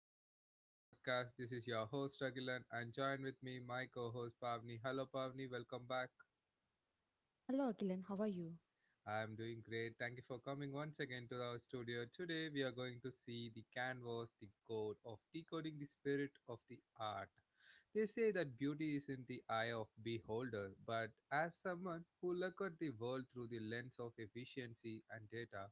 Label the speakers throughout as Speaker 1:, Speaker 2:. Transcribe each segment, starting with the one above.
Speaker 1: episode of my podcast. This is your host Agilan and join with me my co-host Pavni. Hello Pavni, welcome back.
Speaker 2: Hello, Akilan. How are you?
Speaker 1: I'm doing great. Thank you for coming once again to our studio. Today, we are going to see the canvas, the code of decoding the spirit of the art. They say that beauty is in the eye of beholder, but as someone who look at the world through the lens of efficiency and data,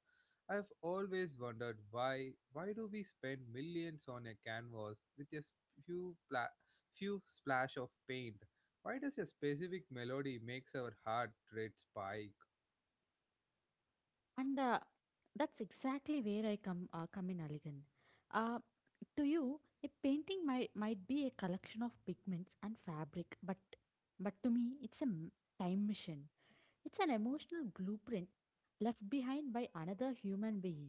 Speaker 1: I've always wondered why do we spend millions on a canvas with a s- few pla- few splash of paint? Why does a specific melody makes our heart rate spike?
Speaker 2: And That's exactly where I come in, Aligan. Uh, to you, a painting might be a collection of pigments and fabric, but to me, it's a time machine. It's an emotional blueprint left behind by another human being.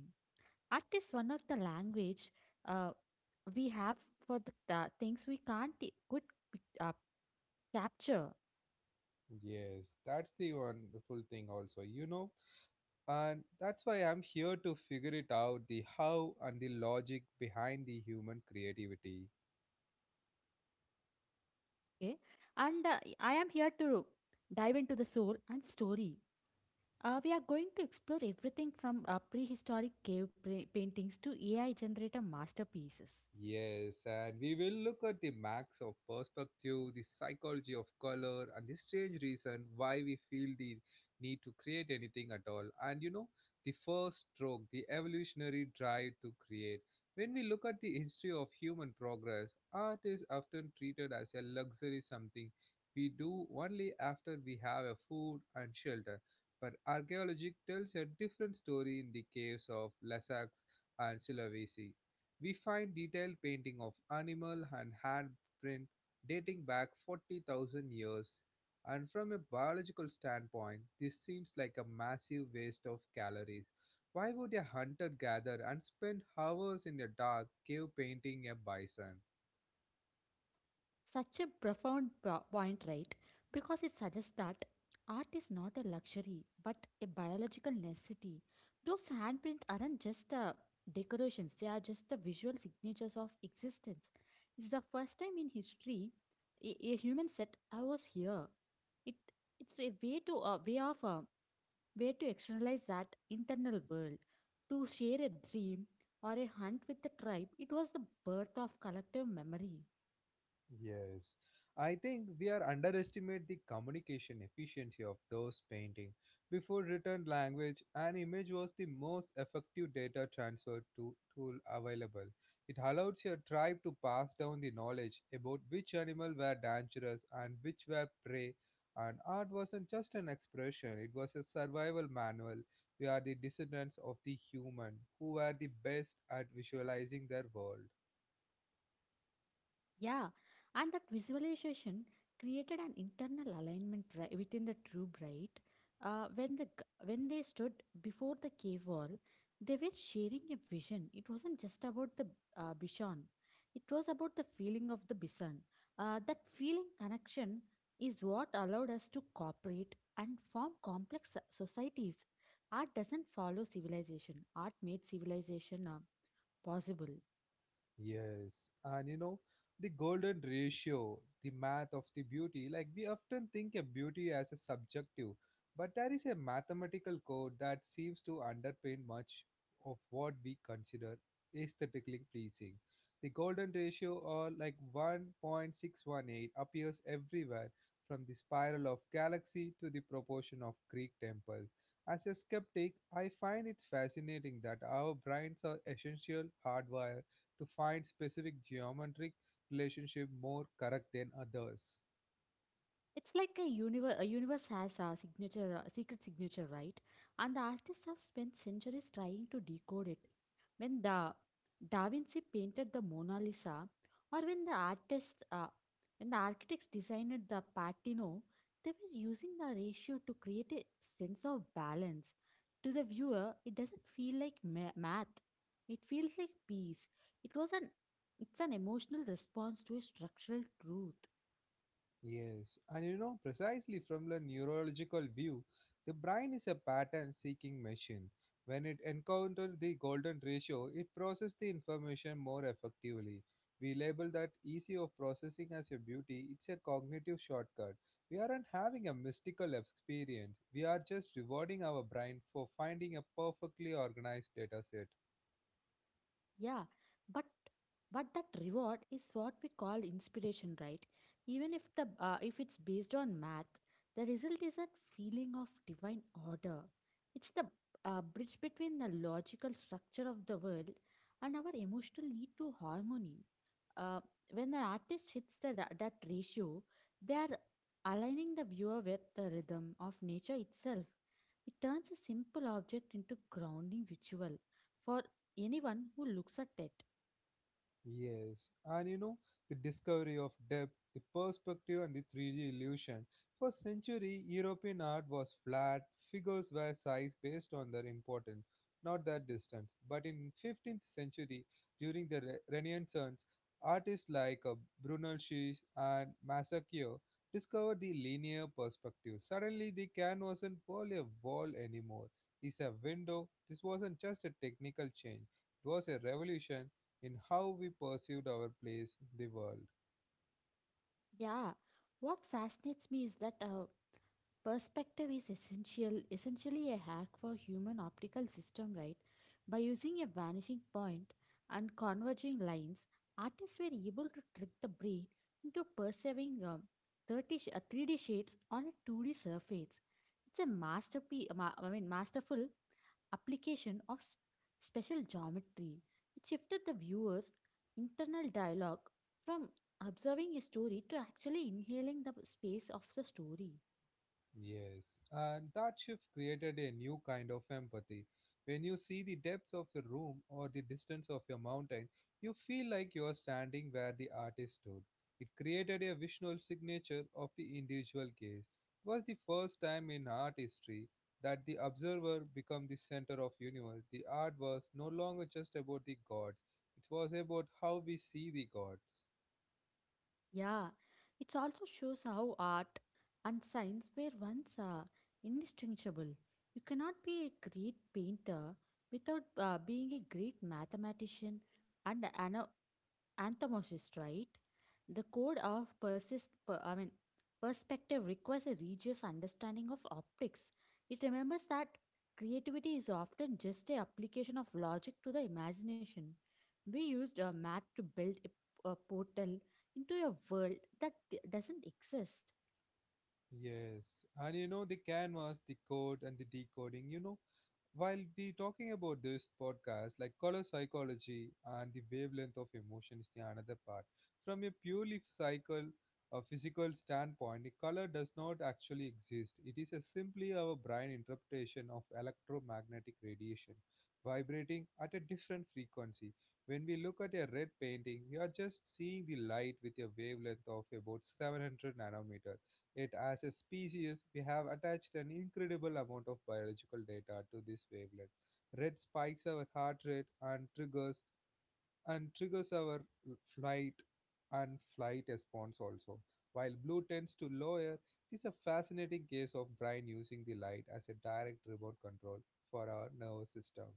Speaker 2: Art is one of the language uh, we have for the things we can't quit uh, capture.
Speaker 1: Yes, that's the wonderful thing, also, you know, and that's why I'm here to figure it out the how and the logic behind the human creativity.
Speaker 2: Okay. And I am here to dive into the soul and story. We are going to explore everything from prehistoric cave paintings to AI generated masterpieces.
Speaker 1: Yes, and we will look at the max of perspective, the psychology of color, and the strange reason why we feel the need to create anything at all. And you know, the first stroke, the evolutionary drive to create. When we look at the history of human progress, art is often treated as a luxury something we do only after we have a food and shelter. But archaeology tells a different story in the caves of Lascaux and Sulawesi we find detailed painting of animal and handprint dating back 40,000 years, and from a biological standpoint, this seems like a massive waste of calories. Why would a hunter gather and spend hours in the dark cave painting a bison?
Speaker 2: Such a profound point, right? Because it suggests that art is not a luxury but a biological necessity. Those handprints aren't just decorations, they are just the visual signatures of existence. It's the first time in history a human said, I was here. It It's a way to a way of way to externalize that internal world, to share a dream or a hunt with the tribe. It was the birth of collective memory.
Speaker 1: Yes, I think we are underestimate the communication efficiency of those painting. Before written language, an image was the most effective data transfer to, tool available. It allows your tribe to pass down the knowledge about which animal were dangerous and which were prey. And art wasn't just an expression; it was a survival manual. We are the descendants of the human who were the best at visualizing their world.
Speaker 2: Yeah, and that visualization created an internal alignment within the troop, right? When the g- when they stood before the cave wall, they were sharing a vision. It wasn't just about the Bishan; it was about the feeling of the Bishan. That feeling connection is what allowed us to cooperate and form complex societies. Art doesn't follow civilization. Art made civilization possible.
Speaker 1: Yes, and you know, the golden ratio, the math of the beauty, like we often think of beauty as a subjective, but there is a mathematical code that seems to underpin much of what we consider aesthetically pleasing. The golden ratio, or like 1.618, appears everywhere from the spiral of galaxy to the proportion of Greek temples. As a skeptic, I find it fascinating that our brains are essential hardwired to find specific geometric relationship more correct than others.
Speaker 2: It's like a universe. A universe has a signature, a secret signature, right? And the artists have spent centuries trying to decode it. When the Da Vinci painted the Mona Lisa, or when the architects designed the Patino, they were using the ratio to create a sense of balance. To the viewer, it doesn't feel like math. It feels like peace. It was an, it's an emotional response to a structural truth.
Speaker 1: Yes, and you know, precisely from the neurological view, the brain is a pattern seeking machine. When it encounters the golden ratio, it processes the information more effectively. We label that easy of processing as a beauty, it's a cognitive shortcut. We aren't having a mystical experience, we are just rewarding our brain for finding a perfectly organized data set.
Speaker 2: Yeah, but but that reward is what we call inspiration, right? Even if the if it's based on math, the result is that feeling of divine order. It's the bridge between the logical structure of the world and our emotional need to harmony. Uh, when an artist hits that ratio, they are aligning the viewer with the rhythm of nature itself. It turns a simple object into grounding ritual for anyone who looks at it.
Speaker 1: Yes, and you know, the discovery of depth, the perspective, and the 3D illusion. For century, European art was flat, figures were sized based on their importance, not their distance. But in 15th century, during the Renaissance, artists like Brunelleschi and Masaccio discovered the linear perspective. Suddenly, the canvas wasn't only a wall anymore; it's a window. This wasn't just a technical change; it was a revolution in how we perceived our place in the world.
Speaker 2: Yeah, what fascinates me is that perspective is essentially a hack for human optical system, right? By using a vanishing point and converging lines, artists were able to trick the brain into perceiving 3D shades on a 2D surface. It's a masterful application of special geometry. It shifted the viewer's internal dialogue from observing a story to actually inhaling the space of the story.
Speaker 1: Yes, and that shift created a new kind of empathy. When you see the depths of a room or the distance of a mountain, you feel like you are standing where the artist stood. It created a visual signature of the individual gaze. It was the first time in art history that the observer became the center of universe. The art was no longer just about the gods. It was about how we see the gods.
Speaker 2: Yeah, it also shows how art and science were once indistinguishable. You cannot be a great painter without being a great mathematician and an anthemocist, right? The code of persist, per, I mean, perspective requires a rigorous understanding of optics. It remembers that creativity is often just a application of logic to the imagination. We used a math to build a portal into a world that doesn't exist.
Speaker 1: Yes, and you know the canvas, the code, and the decoding. You know, while we talking about this podcast, like color psychology and the wavelength of emotion is the another part. From a a physical standpoint, the color does not actually exist. It is a simply our brain interpretation of electromagnetic radiation vibrating at a different frequency. When we look at a red painting, we are just seeing the light with a wavelength of about 700 nanometers it as a species, we have attached an incredible amount of biological data to this wavelet. Red spikes our heart rate and triggers our flight and flight response also. While blue tends to lower, it is a fascinating case of brain using the light as a direct remote control for our nervous system.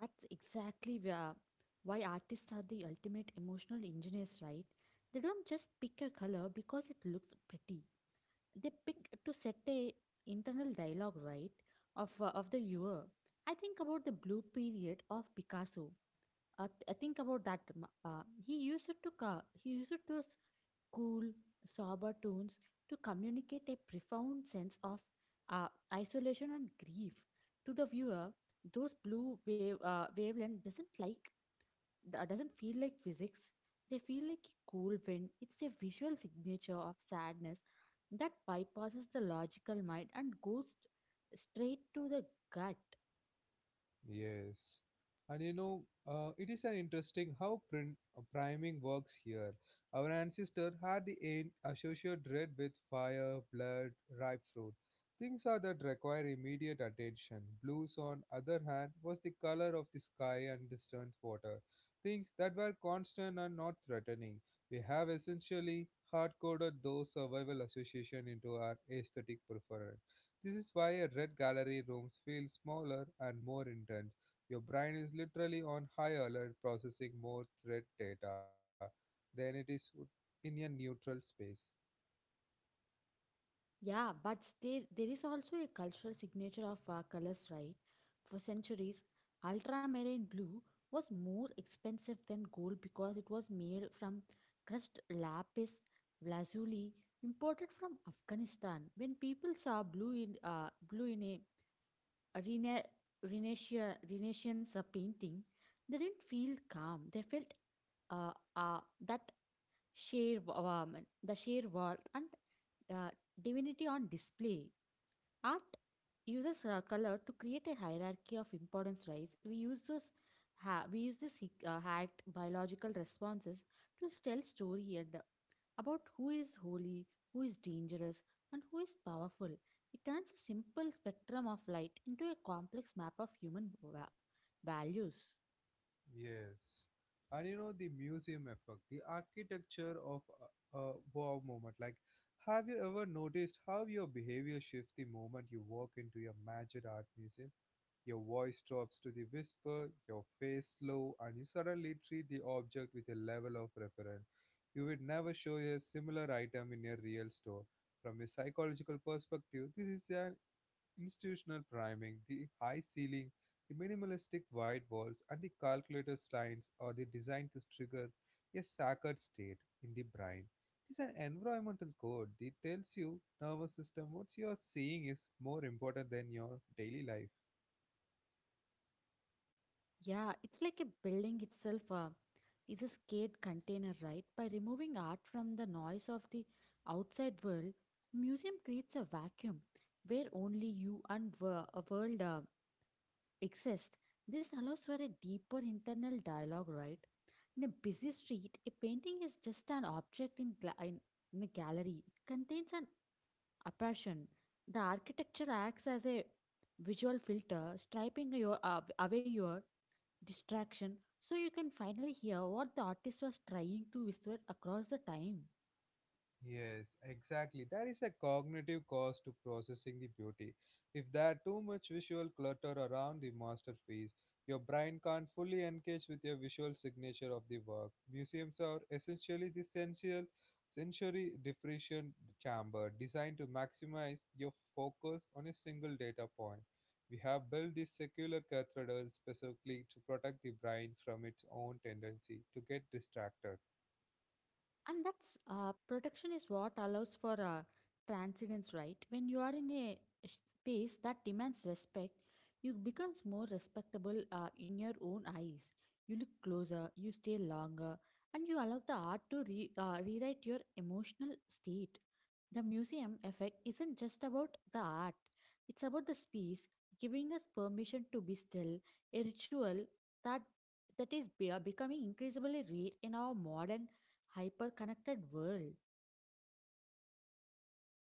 Speaker 2: That's exactly where, why artists are the ultimate emotional engineers, right? They don't just pick a color because it looks pretty. They pick to set a internal dialogue right of the viewer. I think about the blue period of Picasso. I think about that he used it those cool sober tones to communicate a profound sense of uh, isolation and grief to the viewer. Those blue wavelength doesn't feel like physics. They feel like a cool wind. It's a visual signature of sadness that bypasses the logical mind and goes straight to the gut.
Speaker 1: Yes. And you know, it is an interesting how priming works here. Our ancestor had the associated red with fire, blood, ripe fruit. Things are that require immediate attention. Blues, on other hand, was the color of the sky and distant water. Things that were constant and not threatening. We have essentially hard-coded those survival association into our aesthetic preference. This is why a red gallery room feels smaller and more intense. Your brain is literally on high alert processing more threat data than in a neutral space.
Speaker 2: Yeah, but there is also a cultural signature of our colors, right? For centuries, ultramarine blue was more expensive than gold because it was made from crushed lapis lazuli imported from Afghanistan. When people saw blue in a a Rena- Renaissance painting, they didn't feel calm. They felt uh, uh, that sheer warmth, the sheer world and uh, divinity on display. Art uses color to create a hierarchy of importance rise. We use this hacked biological responses to tell story and about who is holy, who is dangerous, and who is powerful. It turns a simple spectrum of light into a complex map of human values.
Speaker 1: Yes. And you know the museum effect, the architecture of a wow moment. Like, have you ever noticed how your behavior shifts the moment you walk into a major art museum? Your voice drops to the whisper, your face low, and you suddenly treat the object with a level of reference you would never show a similar item in a real store. From a psychological perspective, this is an institutional priming. The high ceiling, the minimalistic white walls, and the calculator lines are the designed to trigger a sacred state in the brain. It is an environmental code that tells you nervous system what you are seeing is more important than your daily life.
Speaker 2: Yeah, it's like a building itself is a scared container, right? By removing art from the noise of the outside world, museum creates a vacuum where only you and a world exist. This allows for a deeper internal dialogue, right? In a busy street, a painting is just an object in a gallery. It contains an apparition. The architecture acts as a visual filter, striping away your distraction so you can finally hear what the artist was trying to whisper across the time.
Speaker 1: Yes, exactly. There is a cognitive cost to processing the beauty. If there are too much visual clutter around the masterpiece, your brain can't fully engage with your visual signature of the work. Museums are essentially the sensory depreciation chamber designed to maximize your focus on a single data point. We have built these secular cathedrals specifically to protect the brain from its own tendency to get distracted.
Speaker 2: And that's protection is what allows for transcendence, right? When you are in a space that demands respect, you becomes more respectable in your own eyes. You look closer, you stay longer, and you allow the art to rewrite your emotional state. The museum effect isn't just about the art, it's about the space giving us permission to be still, a ritual that that becoming increasingly rare in our modern hyper-connected world.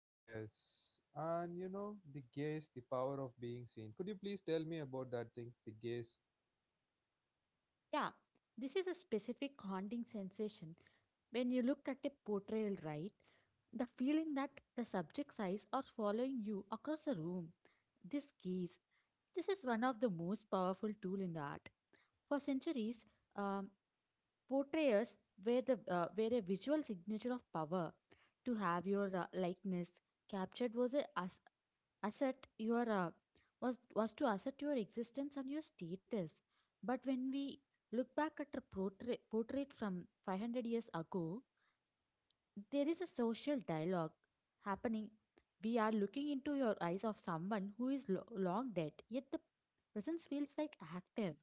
Speaker 1: Yes, and you know, the gaze, the power of being seen. Could you please tell me about that thing, the gaze?
Speaker 2: Yeah, this is a specific haunting sensation when you look at a portrayal, right? The feeling that the subject's eyes are following you across the room. This gaze, this is one of the most powerful tool in the art. For centuries, um, portrayals were a visual signature of power. To have your likeness captured was a as- asset your was to assert your existence and your status. But when we look back at a portrait from 500 years ago, there is a social dialogue happening. We are looking into your eyes of someone who is long dead, yet the presence feels like active.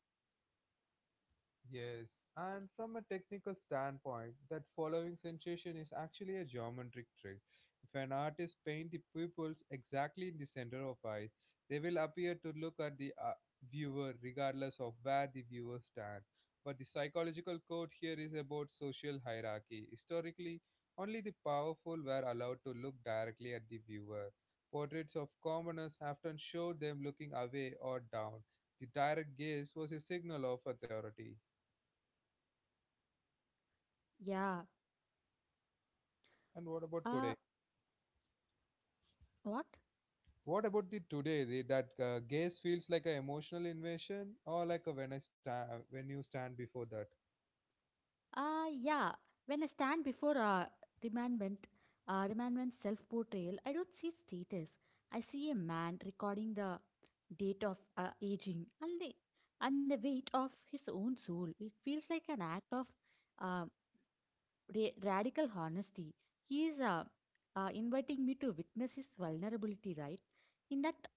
Speaker 1: Yes, and from a technical standpoint, that following sensation is actually a geometric trick. If an artist paints the pupils exactly in the center of eyes, they will appear to look at the viewer regardless of where the viewer stands. But the psychological code here is about social hierarchy. Historically, only the powerful were allowed to look directly at the viewer. Portraits of commoners often showed them looking away or down. The direct gaze was a signal of authority.
Speaker 2: Yeah.
Speaker 1: And what about today?
Speaker 2: Uh, what?
Speaker 1: What about the today? The, that gaze feels like an emotional invasion, or like a when you stand before that.
Speaker 2: Yeah, when I stand before a remnant, remnant self portrayal, I don't see status. I see a man recording the date of aging and and the weight of his own soul. It feels like an act of uh, radical honesty. He is inviting me to witness his vulnerability, right? In that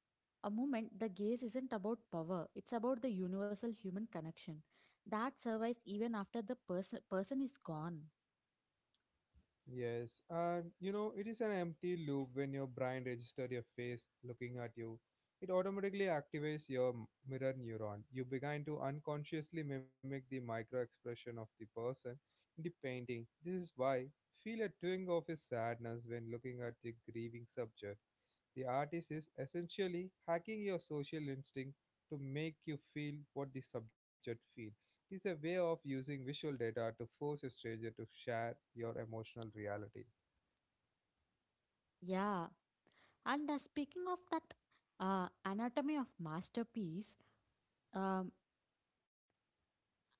Speaker 2: a moment, the gaze isn't about power, it's about the universal human connection that survives even after the person is gone.
Speaker 1: Yes, and you know, it is an empty loop when your brain registers your face looking at you. It automatically activates your mirror neuron. You begin to unconsciously mimic the micro expression of the person in the painting. This is why feel a twinge of his sadness when looking at the grieving subject. The artist is essentially hacking your social instinct to make you feel what the subject feels is a way of using visual data to force a stranger to share your emotional reality.
Speaker 2: Yeah, and speaking of that uh, anatomy of masterpiece. um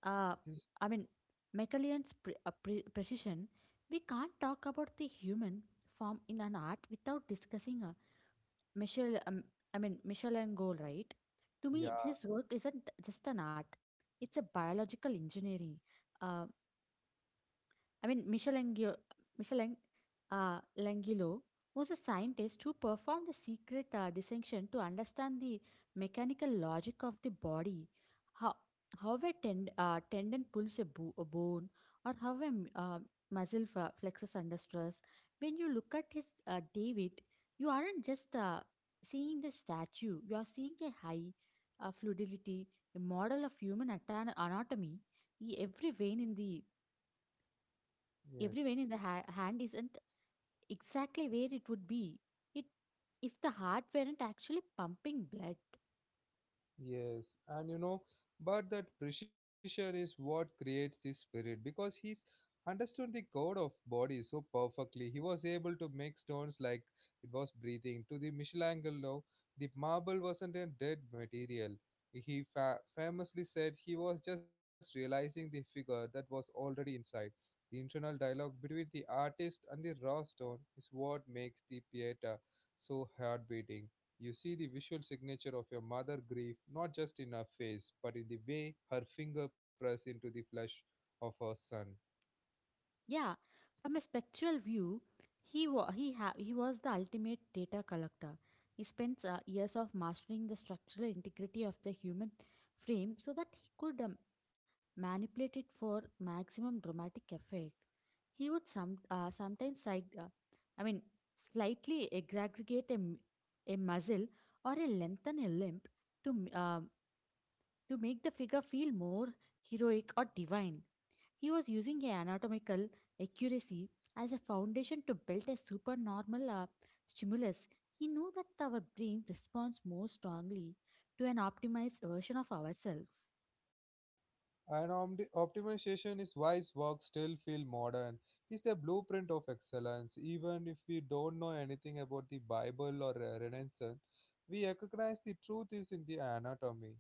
Speaker 2: uh
Speaker 1: This-
Speaker 2: i mean Macaullay's precision, we can't talk about the human form in an art without discussing a michel um, Michelangelo, right? To me,
Speaker 1: Yeah,
Speaker 2: his work isn't just an art, it's a biological engineering. Uh, I mean, Michelangelo, Michelang, Langilo was a scientist who performed a secret dissection to understand the mechanical logic of the body, how, how a tendon pulls a bone, or how a muscle flexes under stress. When you look at his David, you aren't just seeing the statue, you are seeing a high fluidity, a model of human anatomy. E- Every vein in the
Speaker 1: yes.
Speaker 2: Everywhere in the hand isn't exactly where it would be it if the heart weren't actually pumping blood.
Speaker 1: Yes, and you know, but that precision is what creates this spirit because he's understood the code of body so perfectly. He was able to make stones like it was breathing. To the Michelangelo, no, the marble wasn't a dead material. He famously said he was just realizing the figure that was already inside. The internal dialogue between the artist and the raw stone is what makes the Pieta so heartbeating you see the visual signature of your mother grief not just in her face, but in the way her finger pressed into the flesh of her son.
Speaker 2: Yeah, from a spectral view, he wa- he ha- he was the ultimate data collector. He spent years of mastering the structural integrity of the human frame so that he could manipulated for maximum dramatic effect. He would some, sometimes side, I mean, slightly aggregate a muscle or a lengthen a limb to, m- uh, to make the figure feel more heroic or divine. He was using a anatomical accuracy as a foundation to build a supernormal stimulus. He knew that our brain responds more strongly to an optimized version of ourselves.
Speaker 1: And optimization is wise work still feel modern. It is the blueprint of excellence. Even if we don't know anything about the Bible or Renaissance, we recognize the truth is in the anatomy.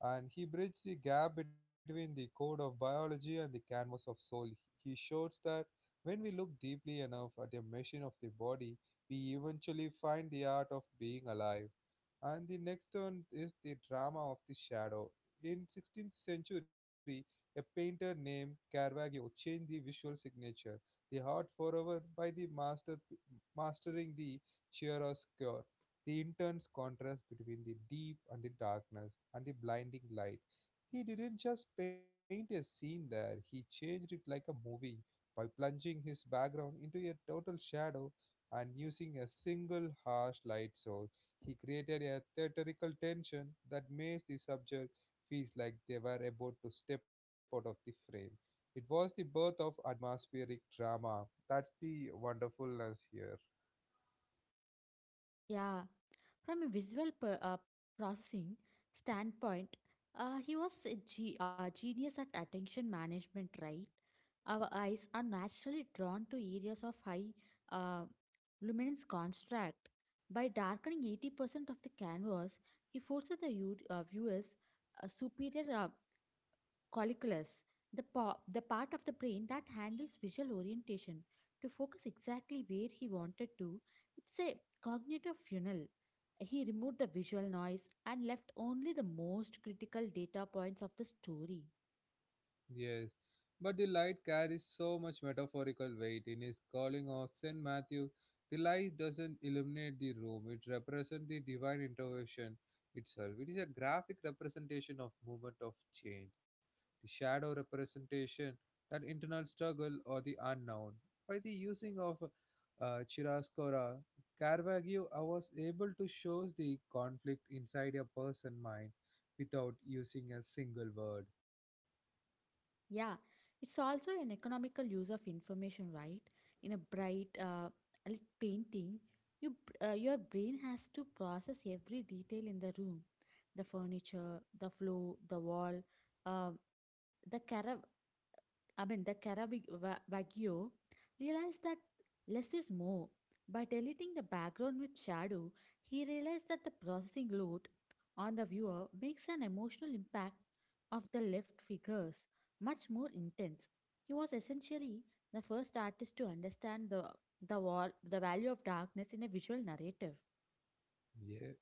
Speaker 1: And he bridged the gap between the code of biology and the canvas of soul. He shows that when we look deeply enough at the machine of the body, we eventually find the art of being alive. And the next one is the drama of the shadow in 16th century, a painter named Caravaggio changed the visual signature, the heart forever, by the mastering the chiaroscuro, the intense contrast between the deep and the darkness and the blinding light. He didn't just paint a scene there, he changed it like a movie by plunging his background into a total shadow and using a single harsh light source. He created a theatrical tension that makes the subject feels like they were about to step out of the frame. It was the birth of atmospheric drama. That's the wonderfulness here.
Speaker 2: Yeah, from a visual processing standpoint, he was a genius at attention management, right? Our eyes are naturally drawn to areas of high uh, luminance contrast. By darkening 80% of the canvas, he forces the viewers a superior Colliculus, the part of the brain that handles visual orientation to focus exactly where he wanted to, it's a cognitive funnel. He removed the visual noise and left only the most critical data points of the story.
Speaker 1: Yes, but the light carries so much metaphorical weight. In his calling of St. Matthew, the light doesn't illuminate the room, it represents the divine intervention itself. It is a graphic representation of movement of change, the shadow representation, that internal struggle or the unknown. By the using of chiaroscuro, Caravaggio was able to show the conflict inside a person's mind without using a single word.
Speaker 2: Yeah, it's also an economical use of information, right? In a bright lit painting, your brain has to process every detail in the room, the furniture, the floor, the wall, uh, the the Wagyu realized that less is more. By deleting the background with shadow, he realized that the processing load on the viewer makes an emotional impact of the left figures much more intense. He was essentially the first artist to understand the value of darkness in a visual narrative.
Speaker 1: Yeah.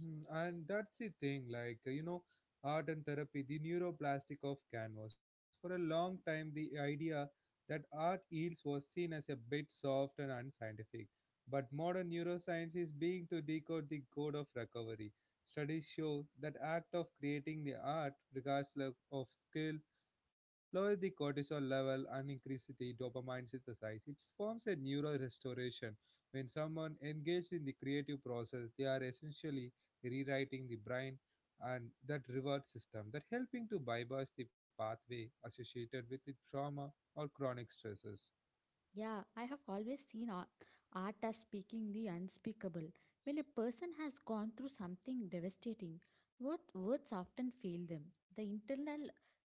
Speaker 1: And that's the thing, art and therapy, the neuroplastic of canvas. For a long time, the idea that art heals was seen as a bit soft and unscientific. But modern neuroscience is being to decode the code of recovery. Studies show that act of creating the art, regardless of skill, lowers the cortisol level and increases the dopamine synthesis. It forms a neural restoration when someone engaged in the creative process, they are essentially rewriting the brain and that reward system that helping to bypass the pathway associated with the trauma or chronic stresses.
Speaker 2: Yeah, I have always seen art as speaking the unspeakable. When a person has gone through something devastating, words often fail them. The internal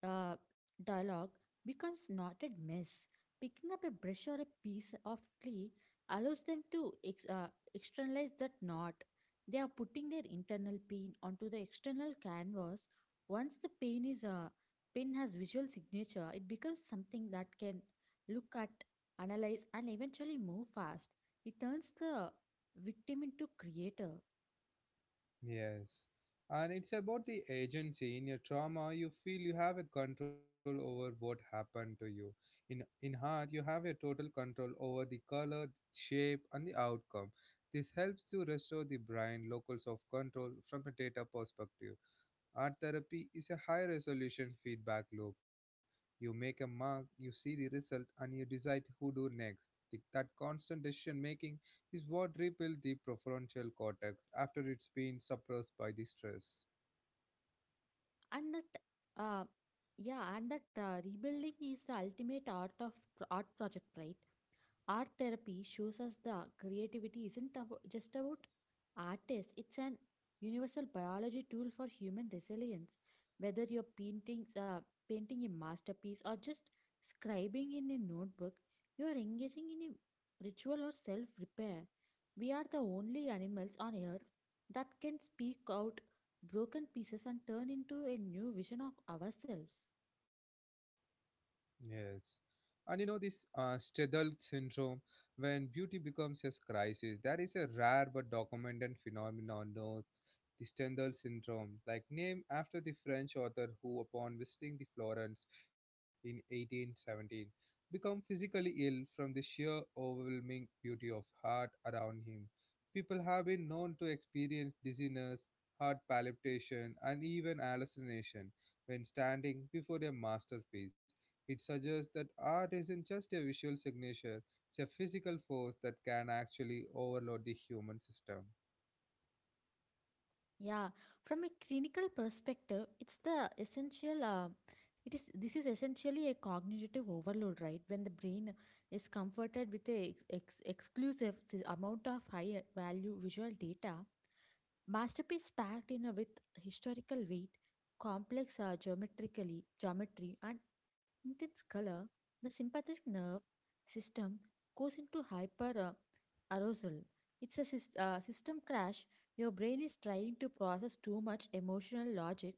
Speaker 2: uh, dialogue becomes knotted mess. Picking up a brush or a piece of clay allows them to externalize that knot. They are putting their internal pain onto the external canvas. Once the pain has visual signature, it becomes something that can look at analyze, and eventually move fast. It turns the victim into creator,
Speaker 1: Yes. And it's about the agency. In your trauma, you feel you have a control over what happened to you. In heart, you have a total control over the color, shape, and the outcome. This helps to restore the brain locals of control from a data perspective. Art therapy is a high resolution feedback loop. You make a mark, you see the result, and you decide who do next. The, that constant decision making is what rebuilds the prefrontal cortex after it's been suppressed by the stress.
Speaker 2: and that, uh, yeah, and that rebuilding is the ultimate art of art project, right? Art therapy shows us the creativity isn't just about artists, it's an universal biology tool for human resilience. Whether you're painting a masterpiece or just scribbling in a notebook, you're engaging in a ritual or self repair. We are the only animals on earth that can speak out broken pieces and turn into a new vision of ourselves.
Speaker 1: Yes. And you know this Stedel syndrome, when beauty becomes a crisis, that is a rare but documented phenomenon known the Stendhal syndrome, like named after the French author who, upon visiting the Florence in 1817, become physically ill from the sheer overwhelming beauty of art around him. People have been known to experience dizziness, heart palpitation, and even hallucination when standing before a masterpiece it suggests that art isn't just a visual signature, it's a physical force that can actually overload the human system.
Speaker 2: Yeah, from a clinical perspective, it's the essential. It is this is essentially a cognitive overload, right? When the brain is comforted with a exclusive amount of high value visual data, masterpiece packed in a, with historical weight, complex geometrically geometry, and intense color, the sympathetic nerve system goes into hyper arousal. It's a system crash, your brain is trying to process too much emotional logic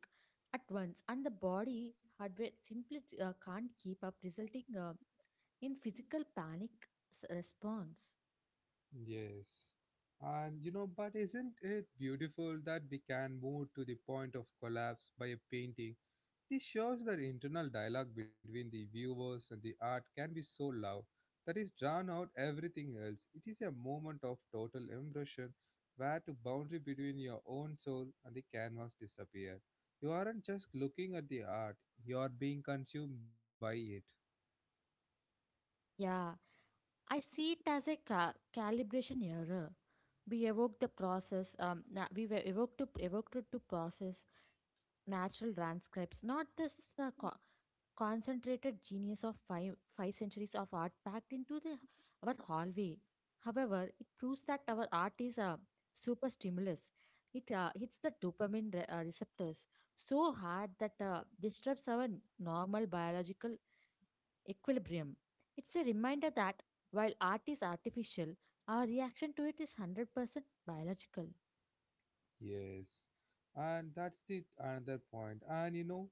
Speaker 2: at once, and the body hardware simply can't keep up, resulting in physical panic response.
Speaker 1: Yes. And you know, but isn't it beautiful that we can move to the point of collapse by a painting. This shows that internal dialogue between the viewers and the art can be so loud that is drawn out everything else. It is a moment of total immersion where the boundary between your own soul and the canvas disappear. You aren't just looking at the art, you are being consumed by it.
Speaker 2: Yeah, I see it as a calibration error. We evoke the process. Na- We were evoked to evoked it to process natural transcripts, not this concentrated genius of five centuries of art packed into the our hallway. However, it proves that our art is a super stimulus. It hits the dopamine receptors so hard that disrupts our normal biological equilibrium. It's a reminder that while art is artificial, our reaction to it is 100% biological.
Speaker 1: Yes, and that's the another point. And you know,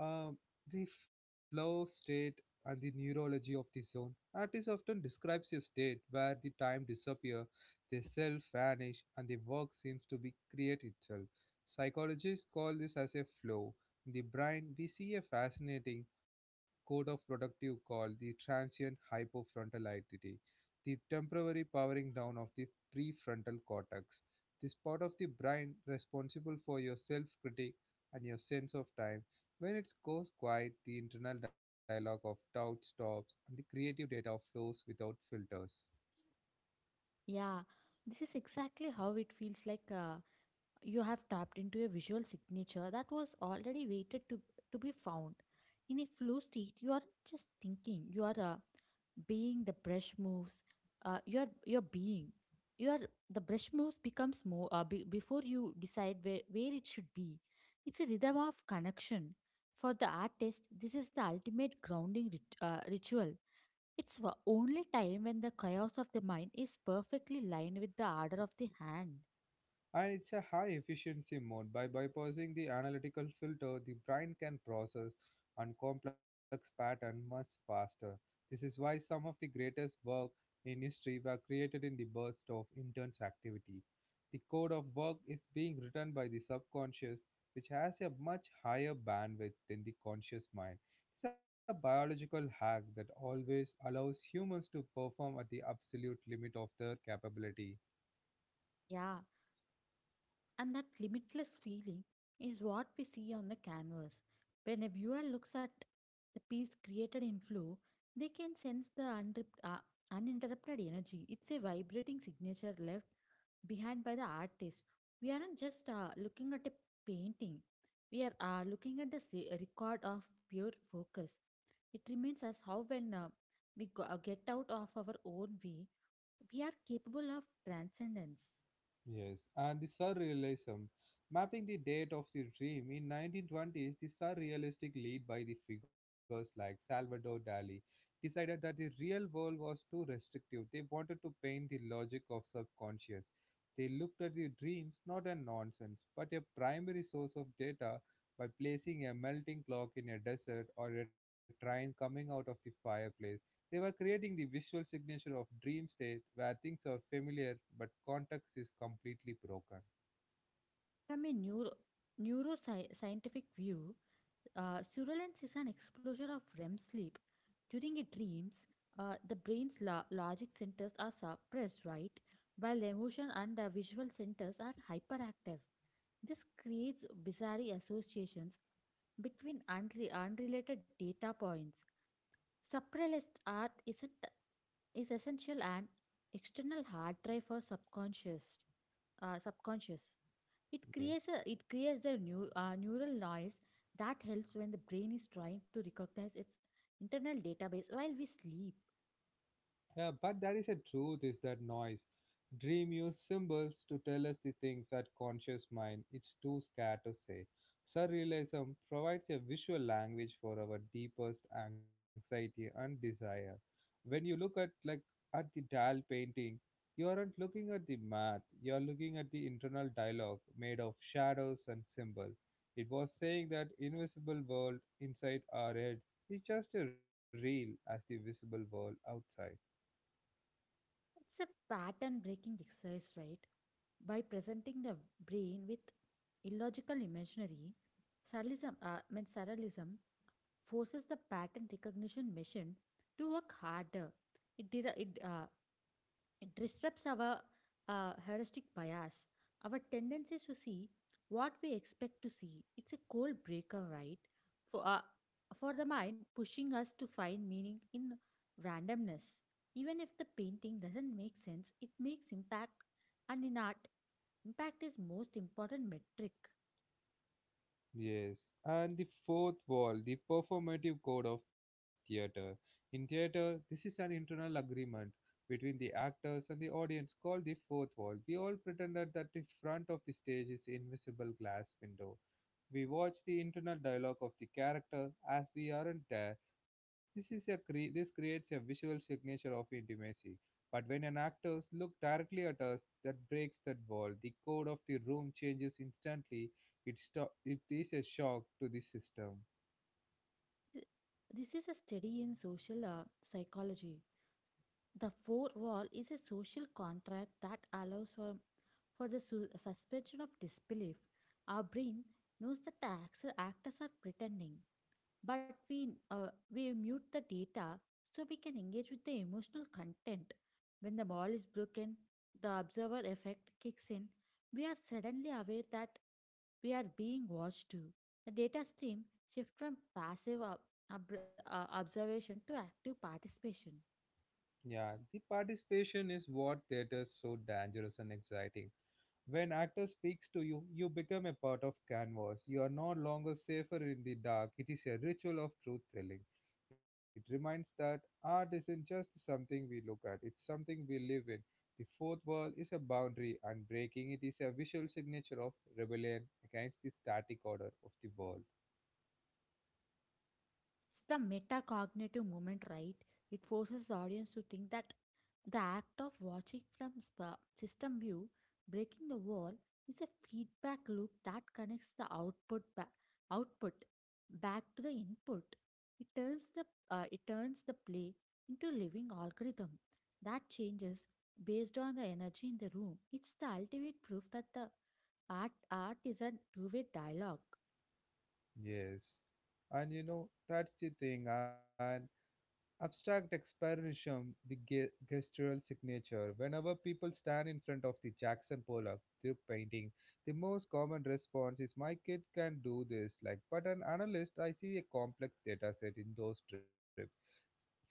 Speaker 1: um, the flow state and the neurology of the zone. Artists often describes a state where the time disappear, the self vanish, and the work seems to be create itself. Psychologists call this as a flow. In the brain, we see a fascinating code of productive called the transient hypofrontal identity, the temporary powering down of the prefrontal cortex this part of the brain responsible for your self-critic and your sense of time. When it goes quiet, the internal dialogue of doubt stops and the creative data flows without filters.
Speaker 2: Yeah, this is exactly how it feels like. You have tapped into a visual signature that was already waited to be found. In a flow state, you are just thinking, you are being the brush moves, you are you're being, you are the brush moves becomes more before you decide where it should be. It's a rhythm of connection. For the artist, this is the ultimate grounding ritual. It's the only time when the chaos of the mind is perfectly lined with the order of the hand.
Speaker 1: And it's a high efficiency mode. By bypassing the analytical filter, the brain can process and complex pattern much faster. This is why some of the greatest work in history were created in the burst of intense activity. The code of work is being written by the subconscious, which has a much higher bandwidth than the conscious mind. It's a biological hack that always allows humans to perform at the absolute limit of their capability.
Speaker 2: Yeah. And that limitless feeling is what we see on the canvas. When a viewer looks at the piece created in flow, they can sense the uninterrupted energy. It's a vibrating signature left behind by the artist. We aren't just looking at a painting, we are looking at the record of pure focus. It reminds us how, when we get out of our own way, we are capable of transcendence.
Speaker 1: Yes, and the surrealism. Mapping the date of the dream in 1920s, the surrealistic lead by the figures like Salvador Dali decided that the real world was too restrictive. They wanted to paint the logic of subconscious. They looked at the dreams not as nonsense, but a primary source of data by placing a melting clock in a desert or a train coming out of the fireplace. They were creating the visual signature of dream state where things are familiar but context is completely broken.
Speaker 2: From a neuroscientific view, surveillance is an exposure of REM sleep. During a dreams, the brain's logic centers are suppressed, right? While emotion and visual centers are hyperactive. This creates bizarre associations between unrelated data points. Suppressed art is essential and external hard drive for subconscious. Subconscious. It
Speaker 1: Yes.
Speaker 2: creates a it creates a new neural noise that helps when the brain is trying to recognize its internal database while we sleep.
Speaker 1: Yeah, but there is a truth is that noise. Dream use symbols to tell us the things that conscious mind is too scared to say. Surrealism provides a visual language for our deepest anxiety and desire. When you look at like at the Dal painting, you aren't looking at the math, you are looking at the internal dialogue made of shadows and symbols. It was saying that invisible world inside our heads is just as real as the visible world outside.
Speaker 2: It's a pattern breaking exercise, right? By presenting the brain with illogical imaginary, surrealism, I mean surrealism forces the pattern recognition machine to work harder. It, dera- it It disrupts our heuristic bias, our tendencies to see what we expect to see. It's a cold breaker, right? For, uh, for the mind, pushing us to find meaning in randomness. Even if the painting doesn't make sense, it makes impact, and in art, impact is most important metric.
Speaker 1: Yes, and the fourth wall, the performative code of theater. In theater, this is an internal agreement between the actors and the audience called the fourth wall. We all pretended that the front of the stage is invisible glass window we watch the internal dialogue of the character as we aren't there. This creates a visual signature of intimacy. But when an actor looks directly at us, that breaks that wall. The code of the room changes instantly. It is a shock to the system.
Speaker 2: Th- This is a study in social psychology. The fourth wall is a social contract that allows for the suspension of disbelief. Our brain knows that the actors are pretending, but we mute the data so we can engage with the emotional content. When the wall is broken, the observer effect kicks in. We are suddenly aware that we are being watched too. The data stream shifts from passive observation to active participation.
Speaker 1: Yeah, the participation is what theater is so dangerous and exciting. When actor speaks to you, you become a part of canvas. You are no longer safer in the dark. It is a ritual of truth telling. It reminds that art isn't just something we look at, it's something we live in. The fourth wall is a boundary, and breaking it is a visual signature of rebellion against the static order of the world.
Speaker 2: It's the metacognitive moment, right? It forces the audience to think that the act of watching from system view, breaking the wall, is a feedback loop that connects the output back to the input. It turns the play into a living algorithm that changes based on the energy in the room. It's the ultimate proof that the art is a two-way dialogue.
Speaker 1: Yes. And you know, that's the thing. And abstract expressionism, the gestural signature. Whenever people stand in front of the Jackson Pollock the painting, the most common response is, "My kid can do this." Like, but an analyst, I see a complex data set in those trips.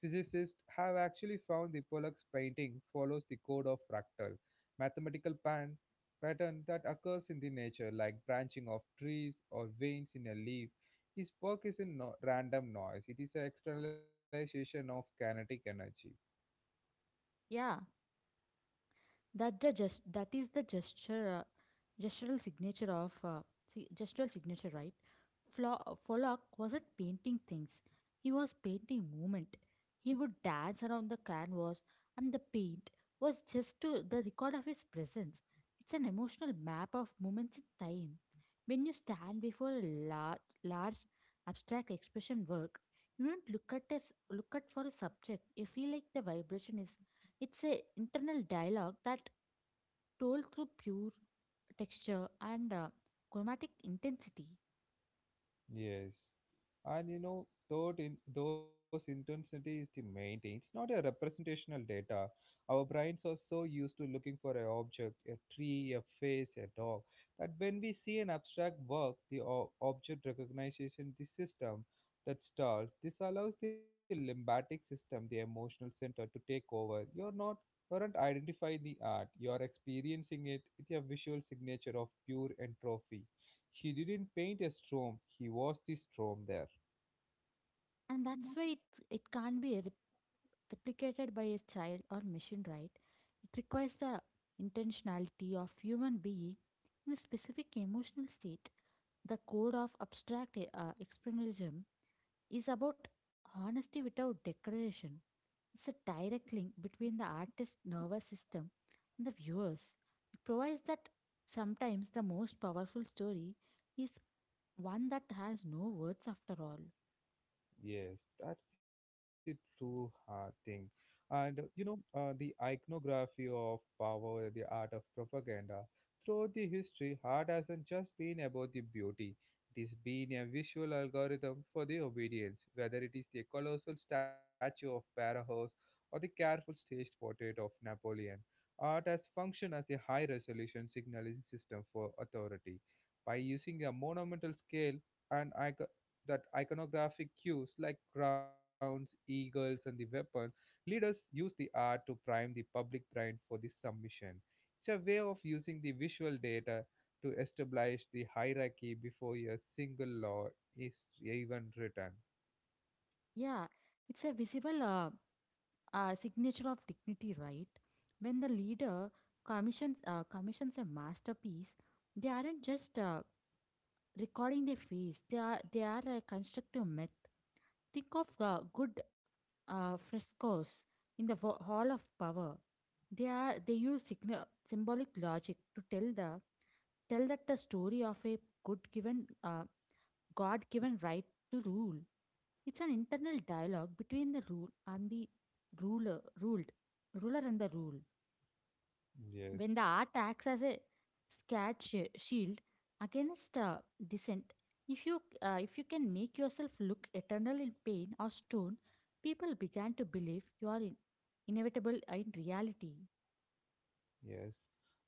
Speaker 1: Physicists have actually found the Pollock's painting follows the code of fractal, mathematical pattern that occurs in the nature, like branching of trees or veins in a leaf his work is in random noise, it is an externalization of kinetic energy.
Speaker 2: Yeah. that the gest- that is the gesture gestural signature of gestural signature, right. Follock wasn't painting things, he was painting movement. He would dance around the canvas and the paint was just to the record of his presence. It's an emotional map of moments in time. When you stand before a large large abstract expression work, you don't look at for a subject. You feel like the vibration is, it's a internal dialogue that told through pure texture and chromatic intensity.
Speaker 1: Yes. And you know, thought in those intensity is the main thing. It's not a representational data. Our brains are so used to looking for an object, a tree, a face, a dog, that when we see an abstract work, the object recognition, the system that stalls, this allows the lymphatic system, the emotional center, to take over. You aren't identifying the art, you're experiencing it with a visual signature of pure entropy. He didn't paint a storm, he was the storm there.
Speaker 2: And that's why it, it can't be replicated by a child or machine, right? It requires the intentionality of human being in a specific emotional state. The code of abstract expressionism is about honesty without decoration. It's a direct link between the artist's nervous system and the viewers. It provides that sometimes the most powerful story is one that has no words after all.
Speaker 1: Yes, that's the true thing. And the iconography of power, the art of propaganda, throughout the history, art hasn't just been about the beauty. It has been a visual algorithm for the obedience, whether it is the colossal statue of Barahouse or the careful staged portrait of Napoleon. Art has functioned as the high resolution signaling system for authority. By using a monumental scale, and that iconographic cues like crowns, eagles, and the weapon, leaders use the art to prime the public brain for the submission. It's a way of using the visual data to establish the hierarchy before a single law is even written.
Speaker 2: Yeah, it's a visible signature of dignity, right? When the leader commissions a masterpiece, they aren't just recording their face. They are a constructive myth. Think of good frescoes in the Hall of Power. They use symbolic logic to tell that the story of a good given God given right to rule. It's an internal dialogue between the rule and the ruler ruled ruler and the rule. When the
Speaker 1: Yes.
Speaker 2: art acts as a scared shield against dissent, if you can make yourself look eternal in pain or stone, people began to believe you are inevitable in reality.
Speaker 1: Yes.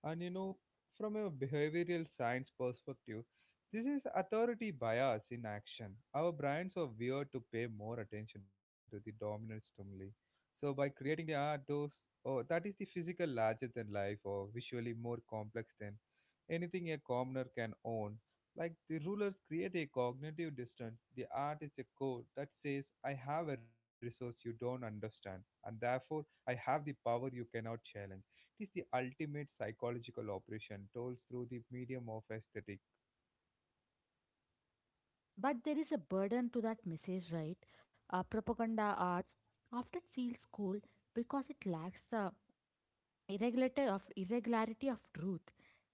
Speaker 1: And you know, from a behavioral science perspective, this is authority bias in action. Our brains are wired to pay more attention to the dominant stimuli. So by creating the art, those oh, that is the physical larger than life or visually more complex than anything a commoner can own. Like the rulers create a cognitive distance, the art is a code that says, I have a resource you don't understand, and therefore I have the power you cannot challenge. It is the ultimate psychological operation told through the medium of aesthetic.
Speaker 2: But there is a burden to that message, right? Propaganda arts often feels cold because it lacks the irregularity of truth.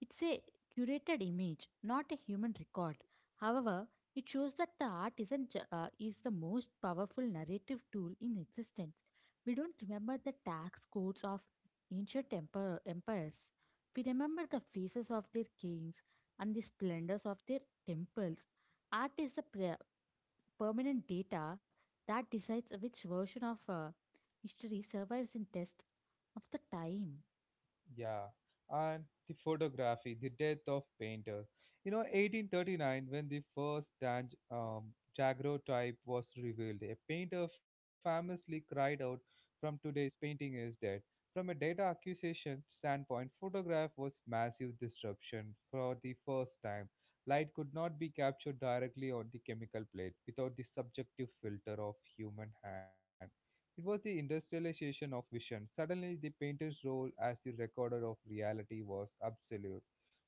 Speaker 2: It's a curated image, not a human record. However, it shows that the art isn't ju- is the most powerful narrative tool in existence. We don't remember the tax codes of ancient empires. We remember the faces of their kings and the splendors of their temples. Art is the permanent data that decides which version of history survives in test of the time.
Speaker 1: Yeah. And the photography, the death of painter. You know, 1839, when the first daguerreotype was revealed, a painter famously cried out, "From today's painting is dead." From a data accusation standpoint, photograph was massive disruption for the first time. Light could not be captured directly on the chemical plate without the subjective filter of human hand. It was the industrialization of vision. Suddenly, the painter's role as the recorder of reality was absolute.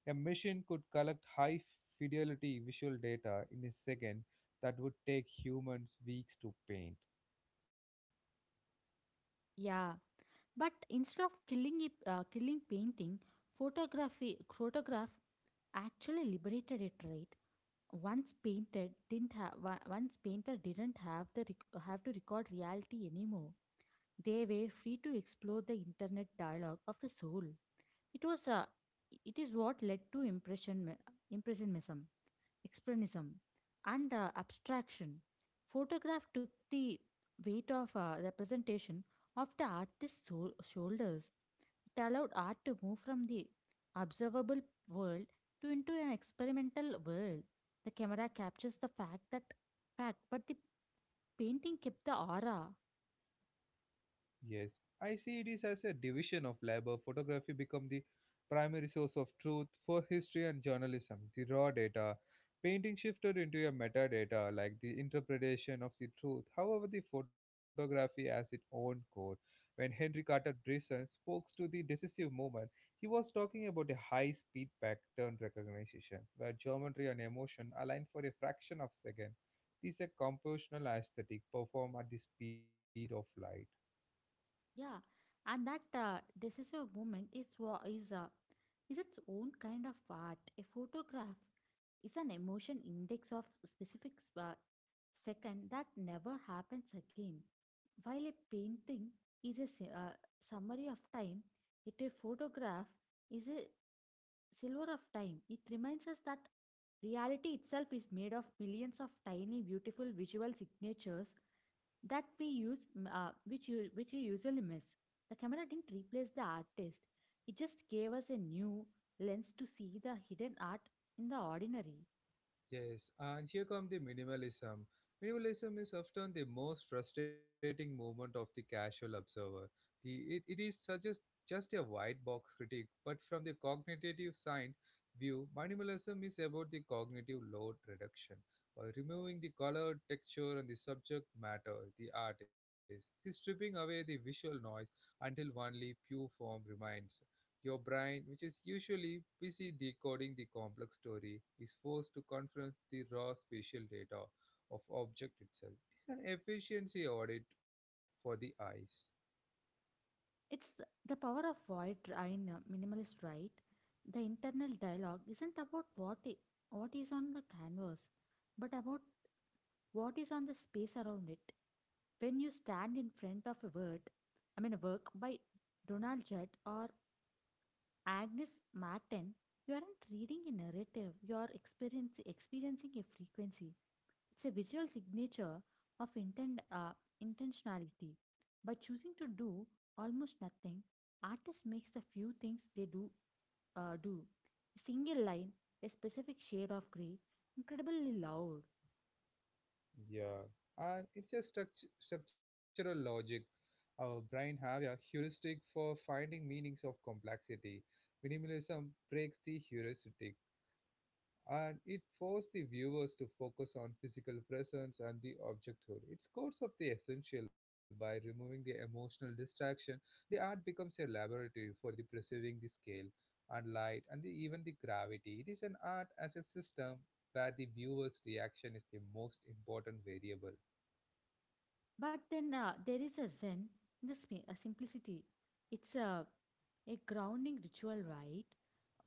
Speaker 1: A machine could collect high fidelity visual data in a second that would take humans weeks to paint.
Speaker 2: Yeah, but instead of killing it, killing painting, photograph actually liberated it. Right, once painted didn't have once painter didn't have have to record reality anymore. They were free to explore the internet dialogue of the soul. It was it is what led to impressionism expressionism, and abstraction. Photograph took the weight of representation off the artist's shoulders. It allowed art to move from the observable world to into an experimental world. The camera captures the fact, but the painting kept the aura.
Speaker 1: Yes, I see it is as a division of labor. Photography become the primary source of truth for history and journalism. The raw data, painting shifted into a metadata, like the interpretation of the truth. However, the photography has its own code. When Henry Carter Bryson spoke to the decisive moment, he was talking about a high-speed pattern recognition, where geometry and emotion align for a fraction of a second. This is a compositional aesthetic performed at the speed of light.
Speaker 2: Yeah, and that decisive moment is what is a is its own kind of art. A photograph is an emotion index of specific second that never happens again. While a painting is a summary of time, it a photograph is a Silver of Time, it reminds us that reality itself is made of millions of tiny, beautiful visual signatures that we use, m- which you, which we usually miss. The camera didn't replace the artist; it just gave us a new lens to see the hidden art in the ordinary.
Speaker 1: Yes, and here comes the minimalism. Minimalism is often the most frustrating moment of the casual observer. The, it is such just a white box critique, but from the cognitive science view, minimalism is about the cognitive load reduction. By removing the color, texture, and the subject matter, the artist is stripping away the visual noise until only pure form remains. Your brain, which is usually busy decoding the complex story, is forced to confront the raw spatial data of object itself. It's an efficiency audit for the eyes.
Speaker 2: It's the power of void in minimalist, right? The internal dialogue isn't about what is on the canvas, but about what is on the space around it. When you stand in front of a word, I mean a work by Donald Judd or Agnes Martin, you aren't reading a narrative, you are experiencing a frequency. It's a visual signature of intentionality. By choosing to do almost nothing, artist makes the few things they do. A single line, a specific shade of grey, incredibly loud.
Speaker 1: Yeah, and it's a structural logic. Our brain have a heuristic for finding meanings of complexity. Minimalism breaks the heuristic. And it forced the viewers to focus on physical presence and the objecthood. It scores up the essential by removing the emotional distraction. The art becomes a laboratory for the perceiving the scale and light and the, even the gravity. It is an art as a system where the viewer's reaction is the most important variable.
Speaker 2: But then there is a Zen, in a simplicity. It's a grounding ritual, right?